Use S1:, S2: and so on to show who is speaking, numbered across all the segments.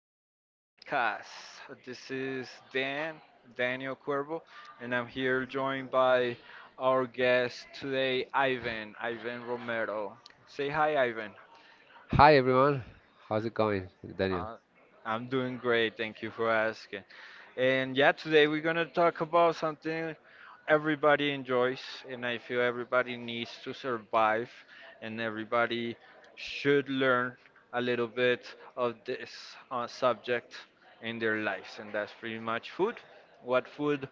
S1: great podcast. This is Dan, Daniel Cuervo, and I'm here joined by our guest today, Ivan, Ivan Romero. Say hi, Ivan.
S2: Hi everyone, how's it going, Daniel?
S1: Uh, I'm doing great, thank you for asking. And yeah, today we're gonna talk about something everybody enjoys, and I feel everybody needs to survive, and everybody should learn a little bit of this subject in their lives, and that's pretty much food. What food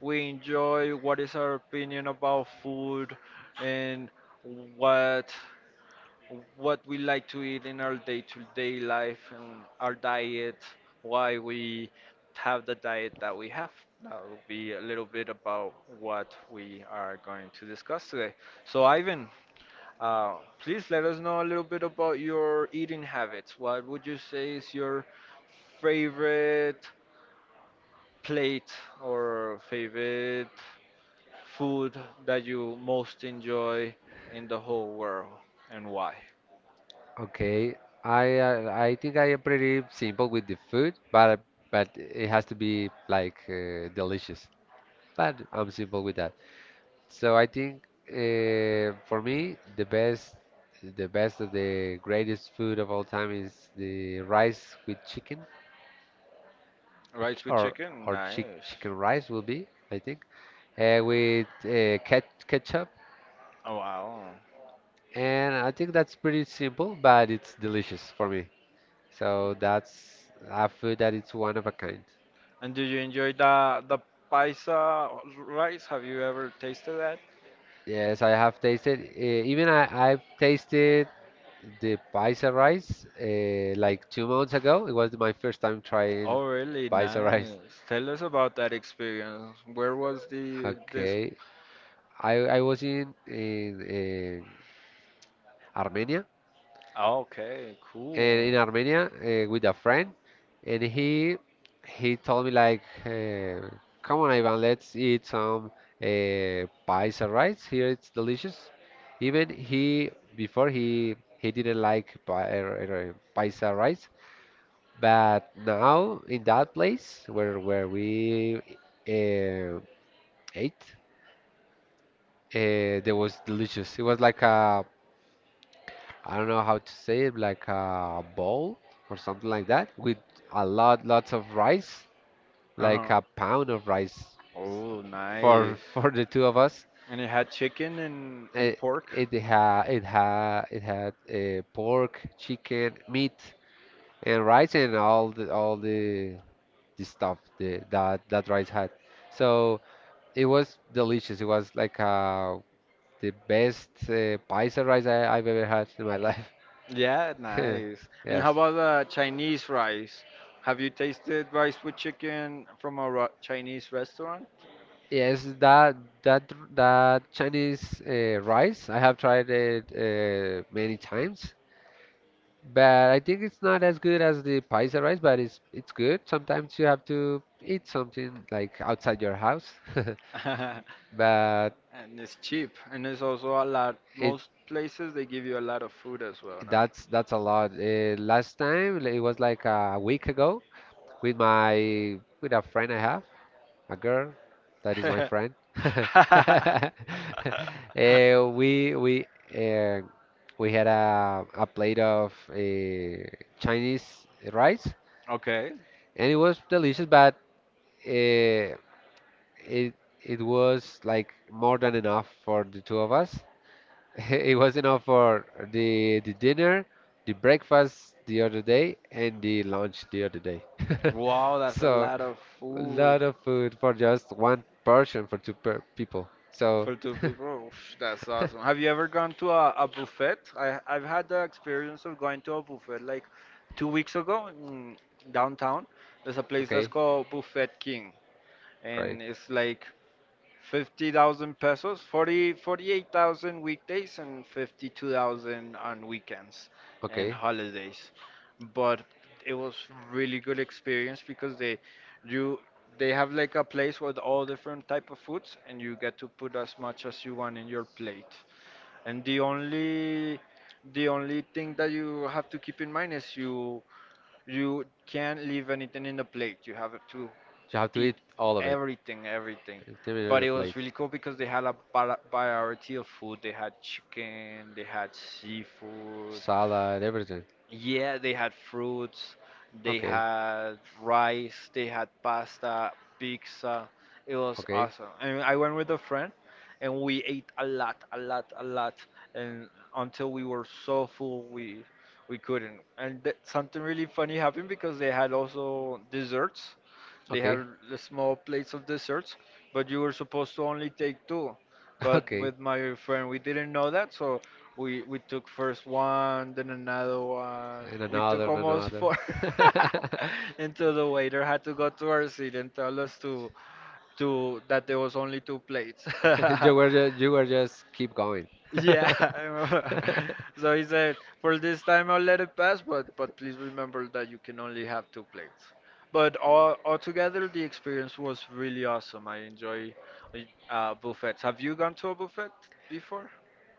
S1: we enjoy, what is our opinion about food, and what what we like to eat in our day-to-day life and our diet, why we have the diet that we have. That will be a little bit about what we are going to discuss today. So, Ivan, uh, please let us know a little bit about your eating habits. What would you say is your favorite plate or favorite food that you most enjoy in the whole world and why?
S2: Okay, I think I am pretty simple with the food, but it has to be like delicious. But I'm simple with that. So I think for me the best of the greatest food of all time is the rice with chicken or
S1: Rice with chicken?
S2: or
S1: Nice.
S2: chicken rice will be I think with ketchup
S1: Oh wow.
S2: and I think that's pretty simple, but it's delicious for me. So that's a food that it's one of a kind.
S1: And do you enjoy the paisa rice? Have you ever tasted that?
S2: Yes, I have tasted. Even I've tasted the paisa rice like 2 months ago. It was my first time trying
S1: Oh really?
S2: paisa rice.
S1: Nice. Tell us about that experience. Where was the this?
S2: Okay, I I was in Armenia,
S1: Oh, okay,
S2: and
S1: cool.
S2: in Armenia with a friend, and he told me like, "Come on, Ivan, let's eat some pies and rice. Here it's delicious." Even he before he didn't like pies and rice, but now in that place where we uh, ate, there was delicious. It was like a I don't know how to say it, like a bowl or something like that, with lots of rice, like
S1: Uh-huh.
S2: a pound of rice
S1: Oh,
S2: for
S1: nice.
S2: for the two of us.
S1: And it had chicken and
S2: It
S1: pork.
S2: it ha it ha it had pork, chicken, meat, and rice, and all the that that rice had. So it was delicious. It was like the best paisa rice I've ever had in my
S1: Yeah,
S2: life.
S1: nice. And how
S2: Yes.
S1: about the Chinese rice? Have you tasted rice with chicken from a Chinese restaurant?
S2: Yes, that that Chinese rice, I have tried it many times, but I think it's not as good as the paisa rice, but it's good. Sometimes you have to eat something like outside your house, but
S1: And it's cheap, and it's also a lot.
S2: it
S1: Most places they give you a lot of food as well, no?
S2: that's a lot. Last time it was like a week ago with my with a friend I have, a girl that is my friend. Eh, we we eh, we had a plate of Chinese rice,
S1: Okay.
S2: and it was delicious, but eh, it it was like more than enough for the two of us. It was enough for the dinner, the breakfast the other day, and the lunch the other day.
S1: Wow, that's a
S2: So
S1: lot of
S2: a
S1: food.
S2: lot of food for just one person, for two per people. So,
S1: For two people, oof, that's awesome. Have you ever gone to a buffet? I've had the experience of going to a buffet like 2 weeks ago in downtown. There's a place that's
S2: okay,
S1: called Buffet King,
S2: great.
S1: and it's like 50,000 pesos, 48,000 weekdays, and 52,000 on weekends and
S2: Okay,
S1: holidays. But it was really good experience because you they have like a place with all different type of foods and you get to put as much as you want in your plate. And the only thing that you have to keep in mind is you can't leave anything in the plate. You have to
S2: you have to
S1: eat
S2: eat all of it.
S1: everything, everything.
S2: Every
S1: But
S2: other
S1: it was
S2: plate,
S1: really cool because they had a variety of food. They had chicken, they had seafood,
S2: salad, everything.
S1: yeah, they had fruits, they
S2: Okay,
S1: had rice, they had pasta, pizza. It was
S2: okay,
S1: awesome. And I went with a friend and we ate a lot, a lot, a lot and until we were so full we couldn't. And th something really funny happened because they had also desserts. They
S2: okay.
S1: had the small plates of desserts, but you were supposed to only take two. But
S2: Okay.
S1: with my friend, we didn't know that, so we took first one, then another one.
S2: And
S1: We
S2: another
S1: took
S2: and
S1: almost
S2: another.
S1: four until the waiter had to go to our seat and tell us to that there was only two plates.
S2: You were just, you were just keep going.
S1: Yeah. So he said, for this time I'll let it pass, but please remember that you can only have two plates. But all altogether, the experience was really awesome. I enjoy buffets. Have you gone to a buffet before?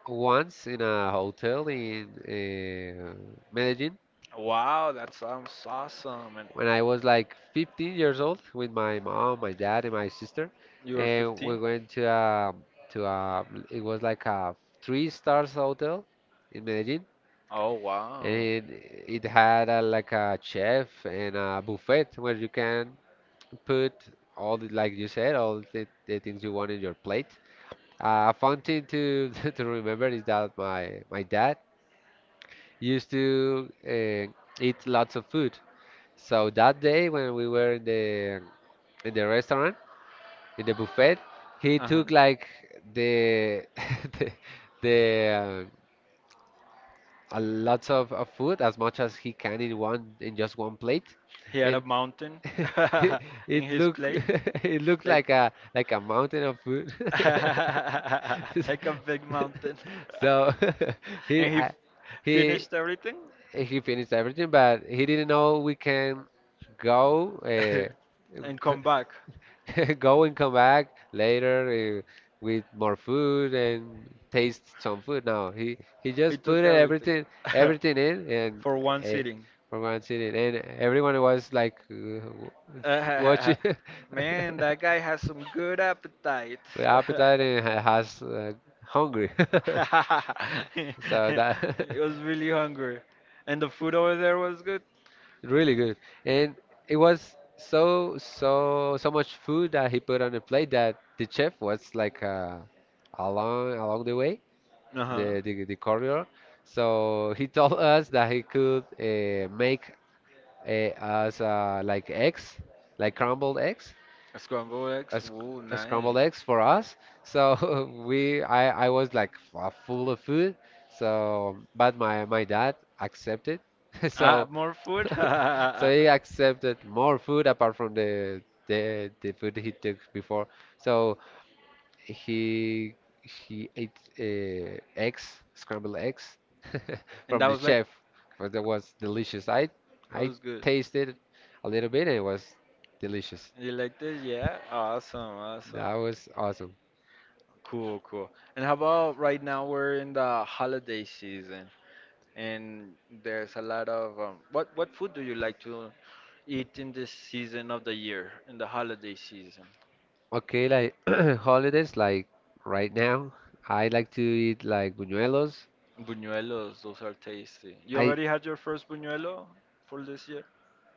S2: Once in a hotel in Medellin,
S1: Wow, that sounds awesome. And
S2: when I was like 15 years old with my mom, my dad, and my sister,
S1: you were
S2: and
S1: 15?
S2: we went to a it was like a three stars hotel in Medellin,
S1: Oh, wow.
S2: and had a, like a chef and a buffet where you can put all the, like you said, all the things you want in your plate. A fun thing to to remember is that my dad used to eat lots of food. So that day when we were in the restaurant, in the buffet, he
S1: Uh-huh.
S2: took like the the, the a lots of food as much as he can in one in just one plate,
S1: He had a
S2: and
S1: mountain
S2: it,
S1: in
S2: it
S1: his
S2: looked
S1: plate.
S2: it looked
S1: Like
S2: like a mountain of food.
S1: like a big mountain.
S2: So he
S1: And he
S2: I, he
S1: finished everything
S2: he finished everything, but he didn't know we can go. Uh,
S1: and come back.
S2: Go and come back later with more food and taste some food. No, he
S1: He
S2: just
S1: took
S2: put it
S1: everything
S2: everything, everything in, and
S1: for one
S2: ate
S1: sitting.
S2: for one sitting, and everyone was like watching
S1: Man, that guy has some good appetite.
S2: with appetite and has hungry. So
S1: It
S2: that
S1: was really hungry. And the food over there was good?
S2: really good. And it was so so so much food that he put on the plate that the chef was like along the way,
S1: Uh-huh.
S2: the, the corridor. So he told us that he could make us like eggs, like crumbled eggs,
S1: Scrambled eggs?
S2: a, sc-
S1: Ooh,
S2: a scrambled
S1: nice.
S2: eggs for us. So I was like full of food. So, but my dad accepted.
S1: Ah,
S2: So,
S1: more food?
S2: so he accepted more food apart from the the food he took before. So he he ate eggs, scrambled eggs
S1: And
S2: from
S1: that
S2: the
S1: was like,
S2: chef, but that was delicious.
S1: that
S2: I
S1: was good.
S2: tasted a little bit and it was delicious.
S1: You liked it? Yeah? Awesome,
S2: That
S1: awesome.
S2: was awesome.
S1: Cool, cool. And how about right now we're in the holiday season and there's a lot of what food do you like to eat in this season of the year, in the holiday season?
S2: Okay, like holidays, like right now, I like to eat like buñuelos.
S1: Buñuelos, those are tasty. You
S2: I
S1: already had your first buñuelo for this year?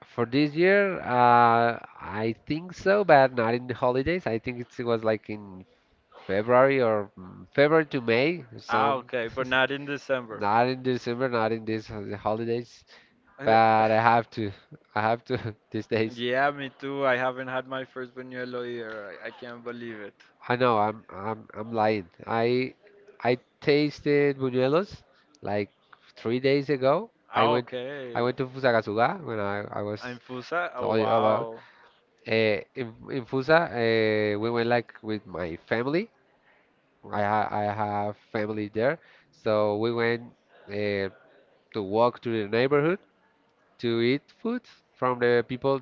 S2: for this year, I think so, but not in the holidays. I think it was like in February or February to May,
S1: Ah,
S2: some.
S1: okay, but not in December.
S2: Not in December, not in these holidays,
S1: Uh,
S2: but I have to. I have to these days.
S1: Yeah, me too. I haven't had my first buñuelo either. I can't believe it.
S2: I know I'm lying. I tasted buñuelos like 3 days ago.
S1: Ah,
S2: I
S1: okay.
S2: went to Fusagasugá when I was
S1: I'm fusa. Oh,
S2: telling you about.
S1: wow.
S2: In Fusa, we went like with my family. I have family there, so we went uh, to walk to the neighborhood to eat food from the people.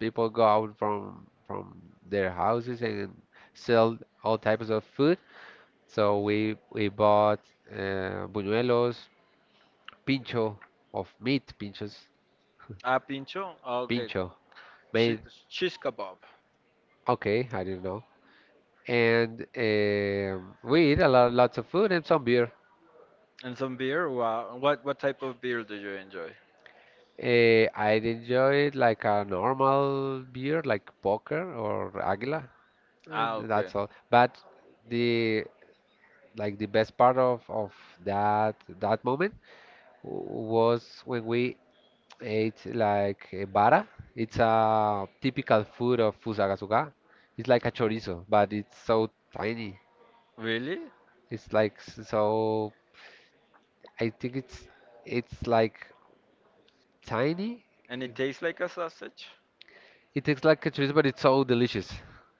S2: People go out from their houses and sell all types of food. So we bought buñuelos, pincho pinchos,
S1: Ah, pincho? Ah, okay.
S2: pincho
S1: Cheese,
S2: made.
S1: cheese kebab
S2: Okay, I didn't know. And we eat lots of food and some beer.
S1: and some beer. Wow. What type of beer do you enjoy?
S2: I'd enjoy it like a normal beer, like Poker or Águila,
S1: Ah,
S2: and
S1: okay.
S2: that's all. But the like the best part of that moment was when we ate like vara. It's a typical food of Fusagasugá. It's like a chorizo, but it's so tiny.
S1: Really?
S2: It's like so. I think It's like tiny.
S1: And
S2: eh,
S1: it tastes like a sausage?
S2: It tastes like a chorizo, but it's so delicious.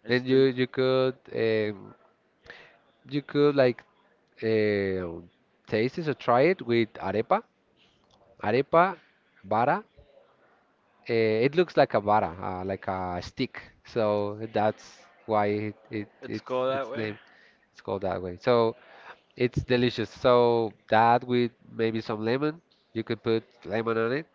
S1: It's
S2: And you
S1: del
S2: could like uh, taste it or try it with arepa, arepa, vara. It looks like a vara, like a stick. So that's why
S1: it's
S2: it's
S1: called that
S2: its
S1: way.
S2: name. It's called that way. So it's delicious. So that with maybe some lemon, you could put lemon on it,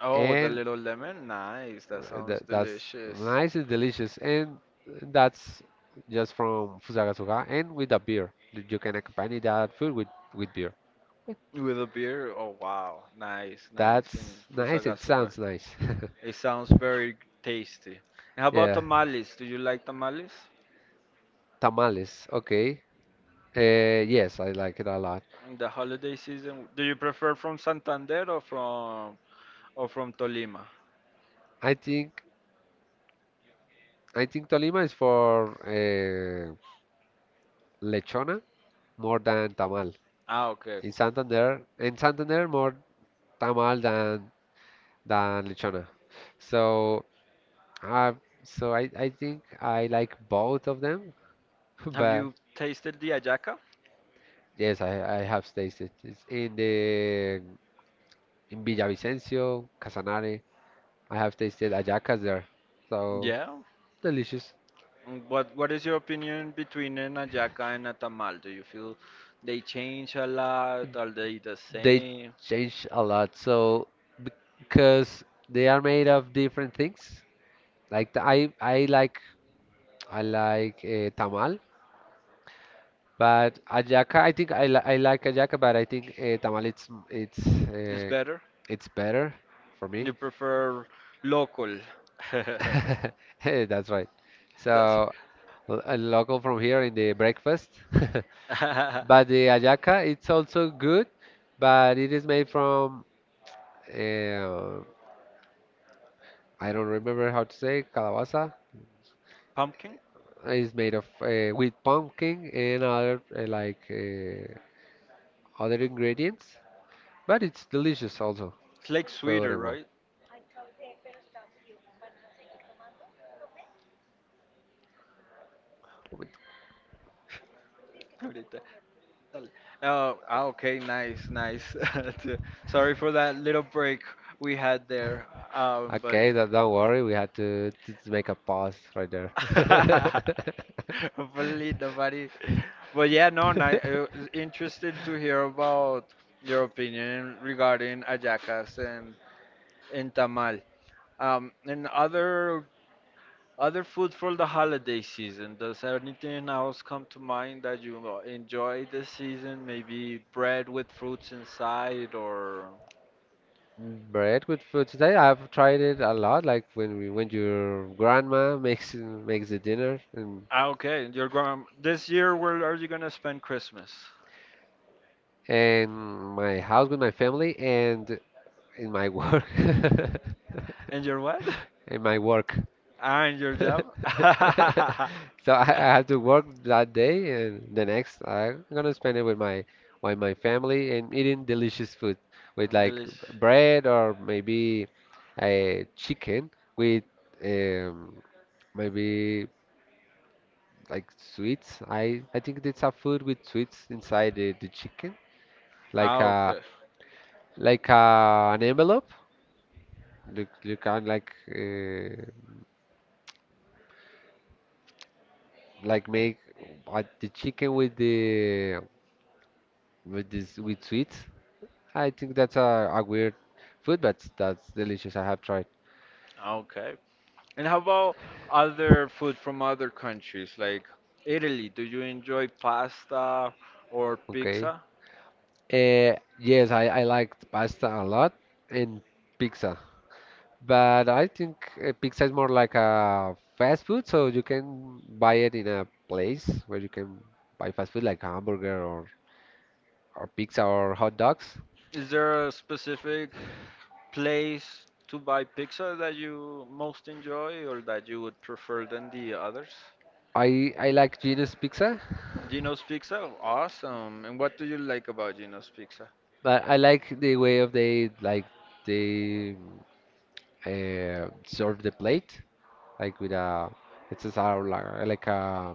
S1: Oh, with a
S2: and
S1: little lemon. Nice. That sounds
S2: that, that's
S1: delicious.
S2: nice and delicious. And that's just from Fusagasugá, and with a beer, you can accompany that food with beer.
S1: With a beer. Oh, wow. Nice, nice. In
S2: That's nice and
S1: Fusagasuga.
S2: sounds nice.
S1: It sounds very tasty. And how about
S2: Yeah,
S1: tamales? Do you like tamales?
S2: tamales. Okay. Uh, yes, I like it a lot.
S1: In the holiday season, do you prefer from Santander or from Tolima?
S2: I think I think Tolima is for lechona more than tamal.
S1: Ah, okay.
S2: In Santander more tamal than lechona. So uh, I think I like both of them,
S1: Have
S2: but
S1: you tasted the ajaca?
S2: yes, I have tasted it's in the in Villavicencio, Casanare. I have tasted hallacas there, so
S1: Yeah.
S2: delicious.
S1: What is your opinion between an ajaca and a tamal? Do you feel they change a lot? Are they the
S2: They
S1: same?
S2: change a lot. So because they are made of different things. Like I like tamal, but ajaca I think I li I like ajaca, but I think tamal
S1: It's
S2: uh,
S1: better?
S2: it's better for me.
S1: You prefer local?
S2: Hey, that's right.
S1: That's
S2: So a local from here in the breakfast. But the ajaca, it's also good, but it is made from uh, I don't remember how to say calabaza.
S1: pumpkin.
S2: It's made of with pumpkin and other other ingredients, but it's delicious also.
S1: It's like sweeter,
S2: Purema.
S1: right? Ahorita. Dale. Oh, okay, nice, nice. Sorry for that little break we had there, but.
S2: Okay, don't worry. We had to, to make a pause right there.
S1: Hopefully nobody. But yeah, no, and I interested to hear about your opinion regarding ayacas and tamal. And other food for the holiday season. Does anything else come to mind that you enjoy this season? Maybe bread with fruits inside, or
S2: Bread with food today. I've tried it a lot. Like when we, when your grandma makes the dinner, and
S1: okay, your grand. This year, where are you gonna spend Christmas?
S2: in my house with my family and in my work.
S1: And your what?
S2: In my work.
S1: Ah, and your job?
S2: So I have to work that day, and the next I'm gonna spend it with my family and eating delicious food with like
S1: Delish.
S2: bread or maybe a chicken with um, maybe like sweets. I think it's a food with sweets inside the chicken, like
S1: Ah,
S2: a
S1: okay.
S2: like an envelope. You can like make the chicken with the with this with sweets. I think that's a weird food, but that's delicious. I have tried.
S1: Ah, okay. And how about other food from other countries like Italy? Do you enjoy pasta or
S2: Okay.
S1: pizza?
S2: Yes, I liked pasta a lot and pizza, but I think pizza is more like a fast food, so you can buy it in a place where you can buy fast food like hamburger or pizza or hot dogs.
S1: Is there a specific place to buy pizza that you most enjoy or that you would prefer than the others?
S2: I like Gino's pizza,
S1: Gino's Pizza? Awesome. And what do you like about Gino's Pizza?
S2: but I like the way of they like they serve the plate like with a it's a sort like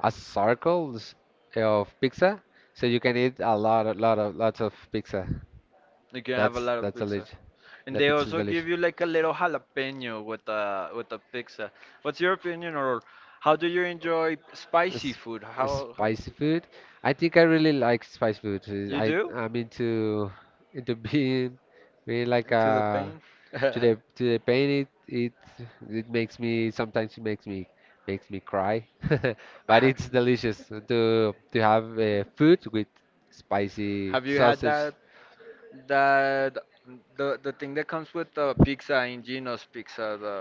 S2: a circle of pizza, so you can eat a lot of lots of pizza.
S1: You can have a lot of
S2: That's
S1: pizza.
S2: delicious.
S1: And
S2: The
S1: they
S2: pizza is
S1: also
S2: delicious.
S1: give you like a little jalapeno with a pizza. What's your opinion or how do you enjoy spicy food?
S2: Sp-
S1: How
S2: Spicy food. I think I really like spicy food.
S1: you do?
S2: I'm into being really like
S1: To the pain?
S2: to the pain. It it makes me, sometimes it makes me cry. But it's delicious to have food with spicy
S1: Have you had
S2: sausage,
S1: that the thing that comes with the pizza in Gino's pizza, the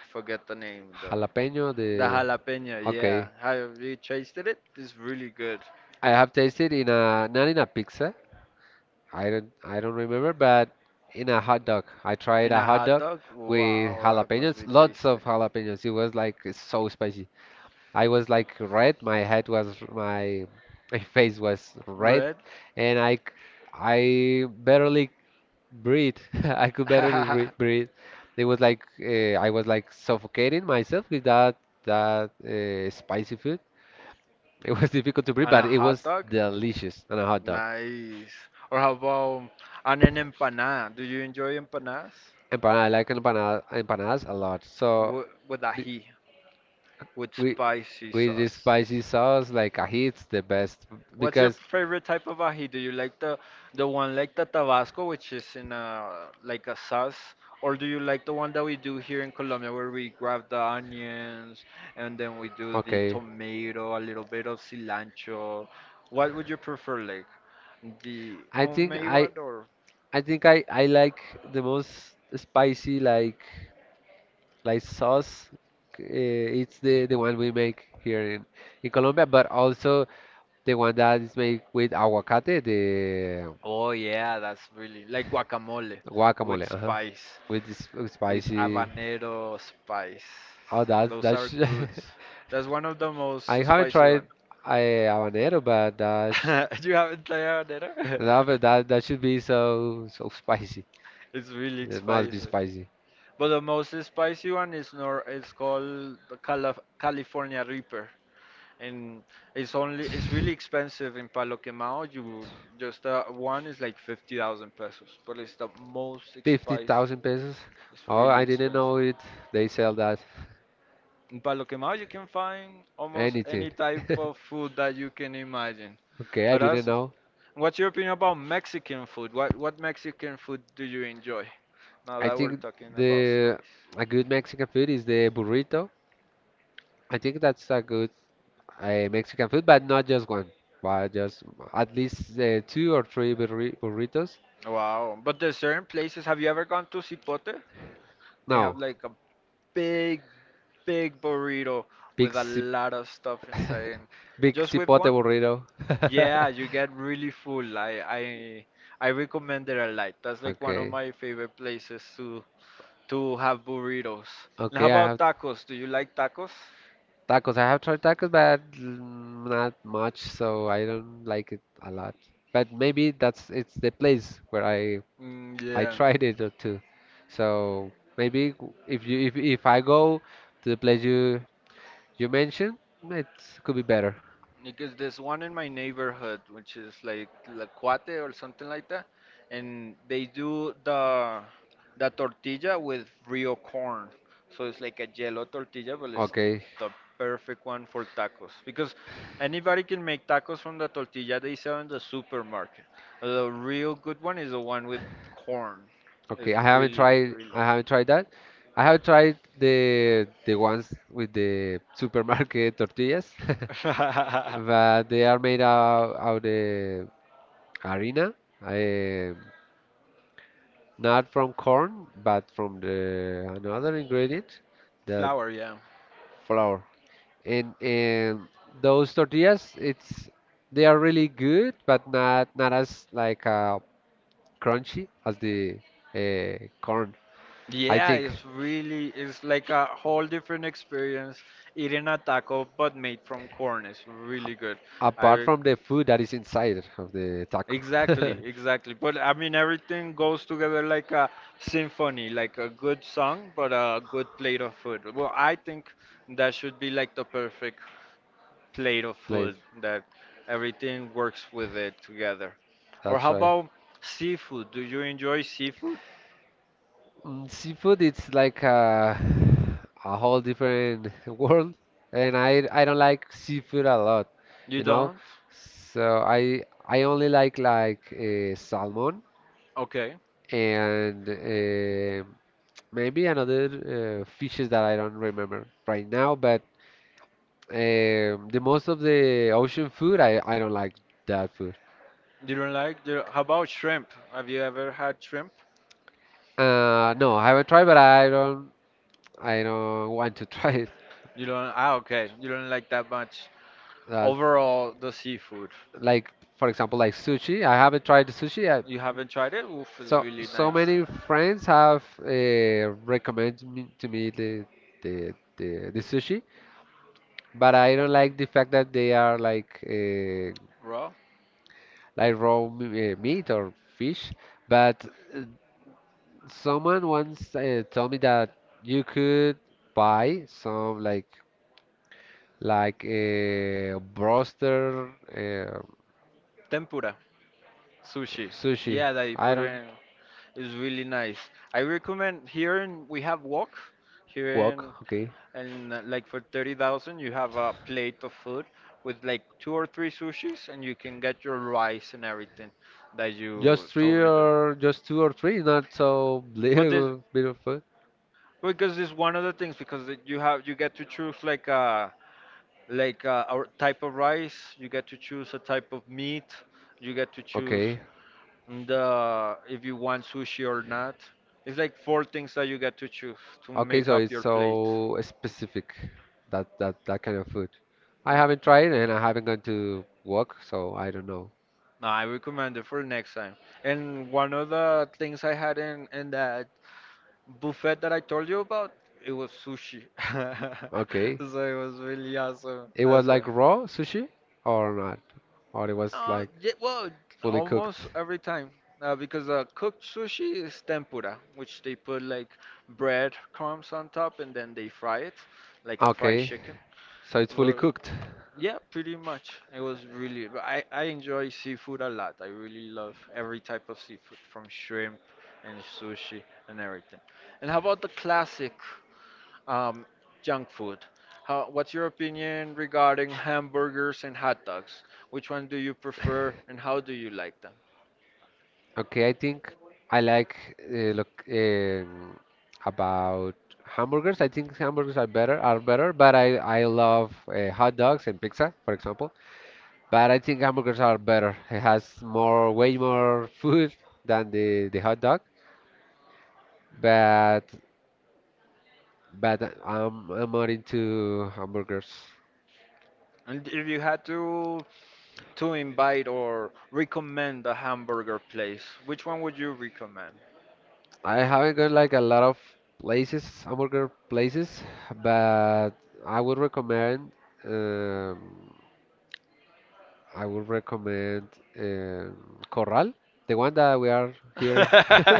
S1: I forget the name,
S2: jalapeno, the
S1: the jalapeno,
S2: okay.
S1: yeah. Have you tasted it? It's really good.
S2: I have tasted in a not in a pizza, I don't remember, but in a hot dog, I tried
S1: In
S2: a
S1: a
S2: hot
S1: hot
S2: dog
S1: dog?
S2: with
S1: Wow, that must
S2: jalapenos,
S1: be
S2: lots
S1: tasty.
S2: of jalapenos. It was like so spicy. I was like red. My face was red,
S1: Bread?
S2: and I barely breathe. I could barely
S1: And
S2: breathe. It was like I was like suffocating myself with that spicy food. It was difficult to breathe, but
S1: a
S2: it
S1: hot
S2: was
S1: dog?
S2: delicious on a hot dog.
S1: Nice. Or how about and an empanada? Do you enjoy empanadas?
S2: Empanada, I like empanadas a lot. So
S1: With
S2: be-
S1: ají, with
S2: we
S1: spicy
S2: with the
S1: sauce.
S2: spicy sauce like ají, the best
S1: What's your
S2: because
S1: favorite type of ají? Do you like the one like the Tabasco, which is in a like a sauce, or do you like the one that we do here in Colombia, where we grab the onions and then we do the
S2: okay.
S1: tomato, a little bit of cilantro? What would you prefer, like the
S2: I think
S1: homemade
S2: I
S1: one or?
S2: I think I like the most spicy like sauce. It's the one we make here in Colombia, but also the one that is made with aguacate, the
S1: Oh yeah, that's really like guacamole
S2: guacamole,
S1: with
S2: uh-huh,
S1: spice,
S2: with this
S1: with
S2: spicy.
S1: habanero spice.
S2: Oh, that's
S1: Those are
S2: that's.
S1: good. That's one of the
S2: I
S1: most
S2: haven't
S1: spicy
S2: tried
S1: one.
S2: I habanero, but that's.
S1: You haven't tried habanero?
S2: No, but that that should be so so spicy.
S1: It's really
S2: It must be
S1: spicy.
S2: spicy.
S1: But the most spicy one is nor it's called the California Reaper, and it's really expensive in Palo Quemado. You just one is like 50,000 pesos, but it's the most
S2: Fifty
S1: spicy.
S2: thousand pesos.
S1: It's
S2: Oh,
S1: really
S2: I didn't
S1: expensive.
S2: know it. They sell that.
S1: In Palo Quemado, you can find almost
S2: Anything.
S1: any type of food that you can imagine.
S2: Okay, I didn't
S1: Aras,
S2: know.
S1: what's your opinion about Mexican food? What Mexican food do you enjoy? Now
S2: I
S1: that we're
S2: think
S1: talking about
S2: the
S1: spice.
S2: a good Mexican food is the burrito. I think that's a good Mexican food, but not just one, but just at least two or three burritos.
S1: Wow. But there's certain places. Have you ever gone to Cipote? They have
S2: No,
S1: like a big, big burrito
S2: big
S1: with a
S2: sip
S1: lot of stuff inside, and
S2: big
S1: just with
S2: cipote
S1: one?
S2: burrito.
S1: Yeah, you get really full. I recommend it a lot. That's like one of
S2: Okay,
S1: my favorite places to have burritos. And how
S2: okay, I
S1: about
S2: have
S1: tacos? Do you like tacos?
S2: tacos. I have tried tacos, but not much, so I don't like it a lot. But maybe that's it's the place where
S1: Mm,
S2: I
S1: yeah.
S2: tried it too. So maybe if you if I go to the place you mentioned, it could be better.
S1: Because there's one in my neighborhood, which is like La Cuate or something like that, and they do the tortilla with real corn. So it's like a yellow tortilla, but it's
S2: Okay,
S1: the perfect one for tacos. Because anybody can make tacos from the tortilla they sell in the supermarket. The real good one is the one with corn. It's
S2: okay. I haven't
S1: really,
S2: tried.
S1: really
S2: I haven't tried that. I have tried the ones with the supermarket tortillas, but they are made out the harina. Not from corn, but from the another ingredient, the
S1: flour, yeah.
S2: flour. And those tortillas, it's they are really good, but not not as like crunchy as the corn, I
S1: Yeah,
S2: think.
S1: it's really it's like a whole different experience eating a taco but made from corn. It's really
S2: Ap-
S1: good. I
S2: Apart
S1: re-
S2: from the food that is inside of the taco.
S1: exactly, exactly. But I mean everything goes together like a symphony, like a good song but a good plate of food. Well, I think that should be like the perfect plate of
S2: Place.
S1: food that everything works with it together. Or
S2: That's
S1: how
S2: right.
S1: about seafood? Do you enjoy seafood?
S2: Seafood, it's like a whole different world, and I don't like seafood a lot,
S1: You
S2: you know.
S1: don't?
S2: So I only like salmon
S1: Okay.
S2: and maybe another fishes that I don't remember right now. But the most of the ocean food, I don't like that food.
S1: You don't like the how about shrimp? Have you ever had shrimp?
S2: No, I haven't tried, but I don't want to try it.
S1: You don't okay. You don't like that much.
S2: That's
S1: Overall the seafood.
S2: like for example like sushi I haven't tried the sushi.
S1: You haven't tried it? Oof, it's
S2: So
S1: really
S2: so
S1: nice.
S2: many friends have recommended me the the sushi but I don't like the fact that they are
S1: Raw?
S2: like raw meat or fish but uh, someone once told me that you could buy some like a broster uh,
S1: Tempura. Sushi.
S2: sushi
S1: Yeah, that you
S2: I
S1: put it
S2: don't
S1: in. It's really nice. I recommend here in we have wok. Here
S2: walk
S1: in
S2: okay.
S1: and like for 30,000 you have a plate of food with like two or three sushis and you can get your rice and everything that
S2: Just
S1: you
S2: three
S1: told me to.
S2: or just two or three, not so
S1: But this,
S2: little bit of food.
S1: because it's one of the things, because you get to choose like a type of rice, you get to choose a type of meat, you get to choose
S2: Okay.
S1: the if you want sushi or not. It's like four things that you get to choose to
S2: Okay,
S1: make
S2: so
S1: up
S2: it's
S1: your plate.
S2: so specific that that kind of food. I haven't tried and I haven't gone to work, so I don't know.
S1: No, I recommend it for next time. And one of the things I had in that buffet that I told you about, it was sushi.
S2: Okay.
S1: So it was really awesome
S2: It was
S1: as
S2: like
S1: well.
S2: raw sushi or not? Or it was like
S1: Yeah, well,
S2: fully cooked?
S1: almost every time. Because cooked sushi is tempura, which they put like bread crumbs on top and then they fry it, like fried
S2: Okay.
S1: chicken.
S2: So it's fully
S1: But
S2: cooked.
S1: yeah, pretty much. It was really, but I enjoy seafood a lot. I really love every type of seafood, from shrimp and sushi and everything. And how about the classic um, junk food? What's your opinion regarding hamburgers and hot dogs? Which one do you prefer and how do you like them?
S2: Okay, I think I like look about hamburgers. I think hamburgers are better, but I love hot dogs and pizza, for example. But I think hamburgers are better. It has more way more food than the hot dog. But but I'm more into hamburgers.
S1: And if you had to invite or recommend a hamburger place, which one would you recommend?
S2: I haven't gone like a lot of places, hamburger places, but I would recommend. Um, I would recommend Corral, the one that we are here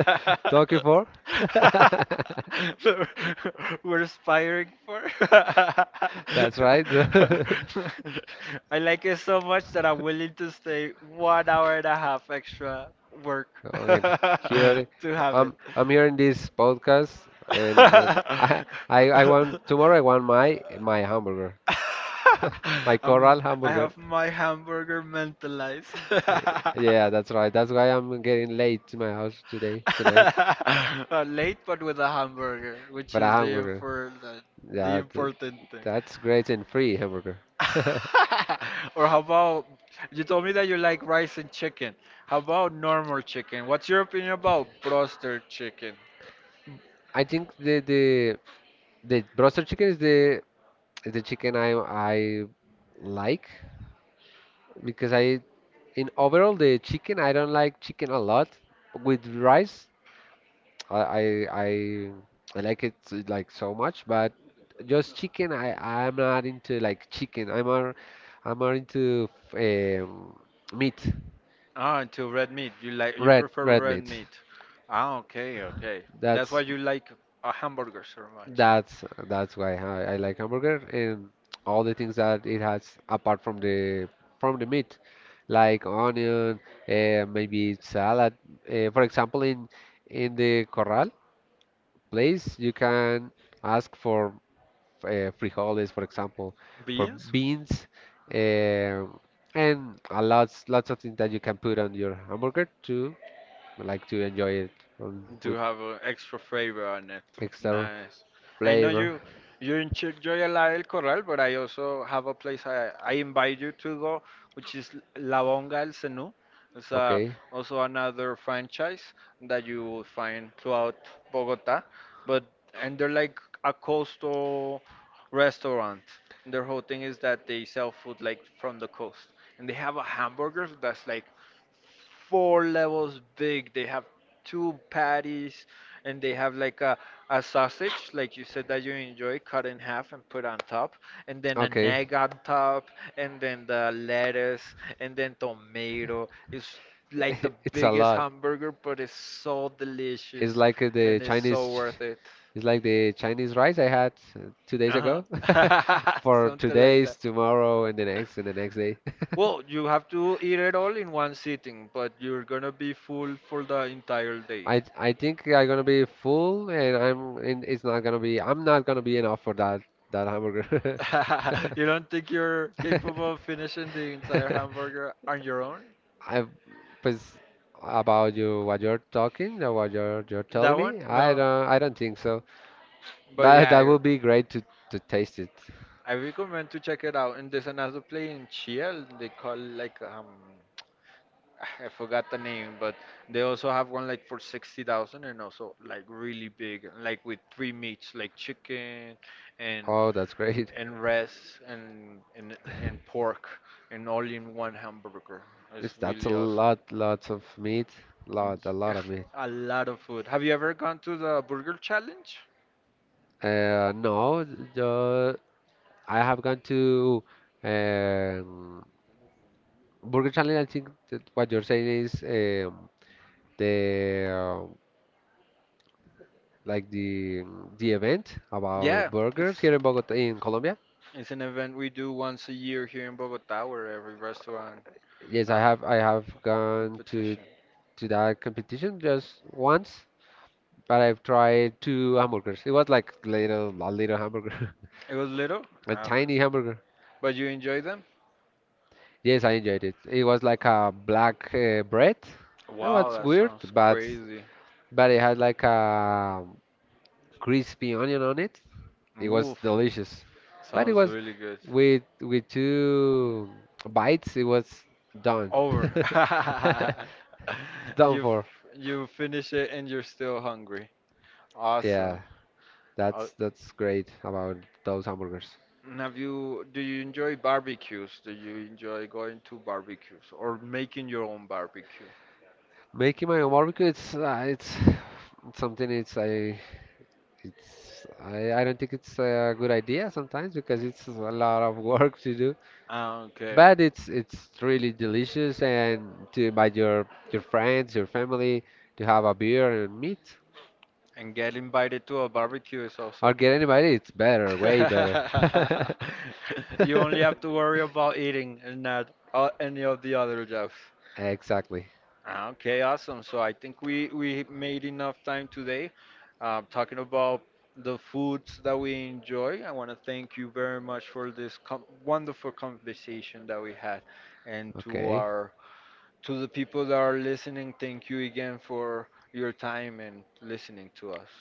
S2: talking for.
S1: We're aspiring for.
S2: That's right.
S1: I like it so much that I'm willing to stay 1 hour and a half extra work
S2: Okay, here
S1: to have it.
S2: I'm here in this podcast, and I, I want tomorrow. I want my hamburger, my
S1: i
S2: Corral
S1: I
S2: hamburger.
S1: have my hamburger mentalized.
S2: Yeah, that's right. That's why I'm getting late to my house today, tonight.
S1: Late but with a hamburger, which
S2: But a
S1: is the
S2: hamburger.
S1: important the
S2: That
S1: important thing.
S2: that's great and free hamburger.
S1: Or how about, you told me that you like rice and chicken. How about normal chicken? What's your opinion about broster chicken?
S2: I think the the broster chicken is the chicken I like because I in overall the chicken I don't like chicken a lot with rice I I I, I like it like so much but just chicken I'm not into like chicken I'm more into um, meat.
S1: Ah, to red meat. You like you
S2: Red
S1: prefer
S2: red
S1: red
S2: meat.
S1: meat. Ah, okay, okay. And that's why
S2: That's
S1: you like hamburgers so much.
S2: that's why I like hamburger and all the things that it has apart from the meat, like onion, maybe salad. For example, in the Corral place, you can ask for frijoles, for example, for
S1: Beans?
S2: beans, uh, and a lots lots of things that you can put on your hamburger to like to enjoy it on,
S1: To
S2: with
S1: have extra flavor on it.
S2: extra
S1: Nice. I know
S2: flavor.
S1: you enjoy a lot El Corral, but I also have a place I invite you to go, which is La Bonga El Cenú. It's
S2: Okay.
S1: also another franchise that you will find throughout Bogota, but and they're like a coastal restaurant. Their whole thing is that they sell food like from the coast, and they have a hamburger that's like four levels big. They have two patties and they have like a sausage, like you said that you enjoy, cut in half and put on top, and then an
S2: Okay.
S1: egg on top, and then the lettuce, and then tomato. It's like the
S2: It's a
S1: biggest
S2: lot.
S1: hamburger, but it's so
S2: It's
S1: delicious
S2: like
S1: and
S2: the
S1: it's so
S2: Chinese,
S1: worth it.
S2: it's like the Chinese rice I had 2 days
S1: Uh
S2: ago
S1: huh.
S2: for two
S1: Something like that.
S2: days, tomorrow, and the next day.
S1: Well, you have to eat it all in one sitting, but you're gonna be full for the entire day.
S2: I think I'm gonna be full, and I'm not gonna be enough for that that hamburger.
S1: You don't think you're capable of finishing the entire hamburger on your own?
S2: I was about you what you're talking or what you're telling
S1: That one?
S2: me.
S1: No.
S2: I don't think so,
S1: But
S2: but
S1: yeah,
S2: that
S1: I
S2: would be great to taste it.
S1: I recommend to check it out. And there's another place in Chile. They call like I forgot the name, but they also have one like for 60,000 and also like really big, like with three meats like chicken and
S2: Oh, that's great.
S1: and res and pork, and all in one hamburger. It's
S2: It's, that's a
S1: really awesome.
S2: lot, lots of meat,
S1: Y-
S2: a lot of meat.
S1: A lot of food. Have you ever gone to the Burger Challenge?
S2: No, the, I have gone to um, Burger Challenge. I think that what you're saying is the like the event
S1: Yeah,
S2: about
S1: it's
S2: burgers here in Bogota, in Colombia.
S1: it's an event we do once a year here in Bogota, where every restaurant,
S2: Yes,
S1: uh,
S2: I have gone
S1: competition.
S2: to that competition just once, but I've tried two hamburgers. It was like little a little hamburger,
S1: It was little.
S2: a
S1: Ah, okay,
S2: tiny hamburger.
S1: but you enjoy them.
S2: Yes, I enjoyed it. It was like a black bread. It
S1: Wow,
S2: was
S1: that
S2: weird,
S1: sounds crazy.
S2: but it had like a crispy onion on it. It was
S1: Woof,
S2: delicious, but it
S1: sounds
S2: was
S1: really good.
S2: with two bites. It was done,
S1: Over.
S2: done for.
S1: You finish it and you're still hungry. Awesome.
S2: Yeah,
S1: Oh.
S2: that's great about those hamburgers.
S1: And have you, do you enjoy barbecues? Do you enjoy going to barbecues or making your own barbecue?
S2: Making my own barbecue, it's something. It's I don't think it's a good idea sometimes because it's a lot of work to do.
S1: Ah, okay.
S2: But it's really delicious and to invite your friends, your family to have a beer and meet
S1: And get invited to a barbecue is
S2: or
S1: also.
S2: get anybody, it's better, way better.
S1: You only have to worry about eating and not any of the other jobs.
S2: Exactly.
S1: Ah, okay, awesome. So I think we made enough time today, talking about the foods that we enjoy. I want to thank you very much for this com wonderful conversation that we had, and
S2: Okay.
S1: to the people that are listening, thank you again for your time and listening to us.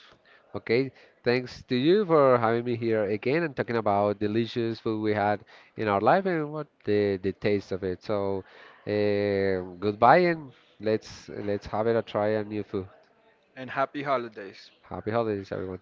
S2: Okay. Thanks to you for having me here again and talking about delicious food we had in our life and what the taste of it. So, goodbye and let's have it a try a new food.
S1: And happy holidays.
S2: Happy holidays, everyone.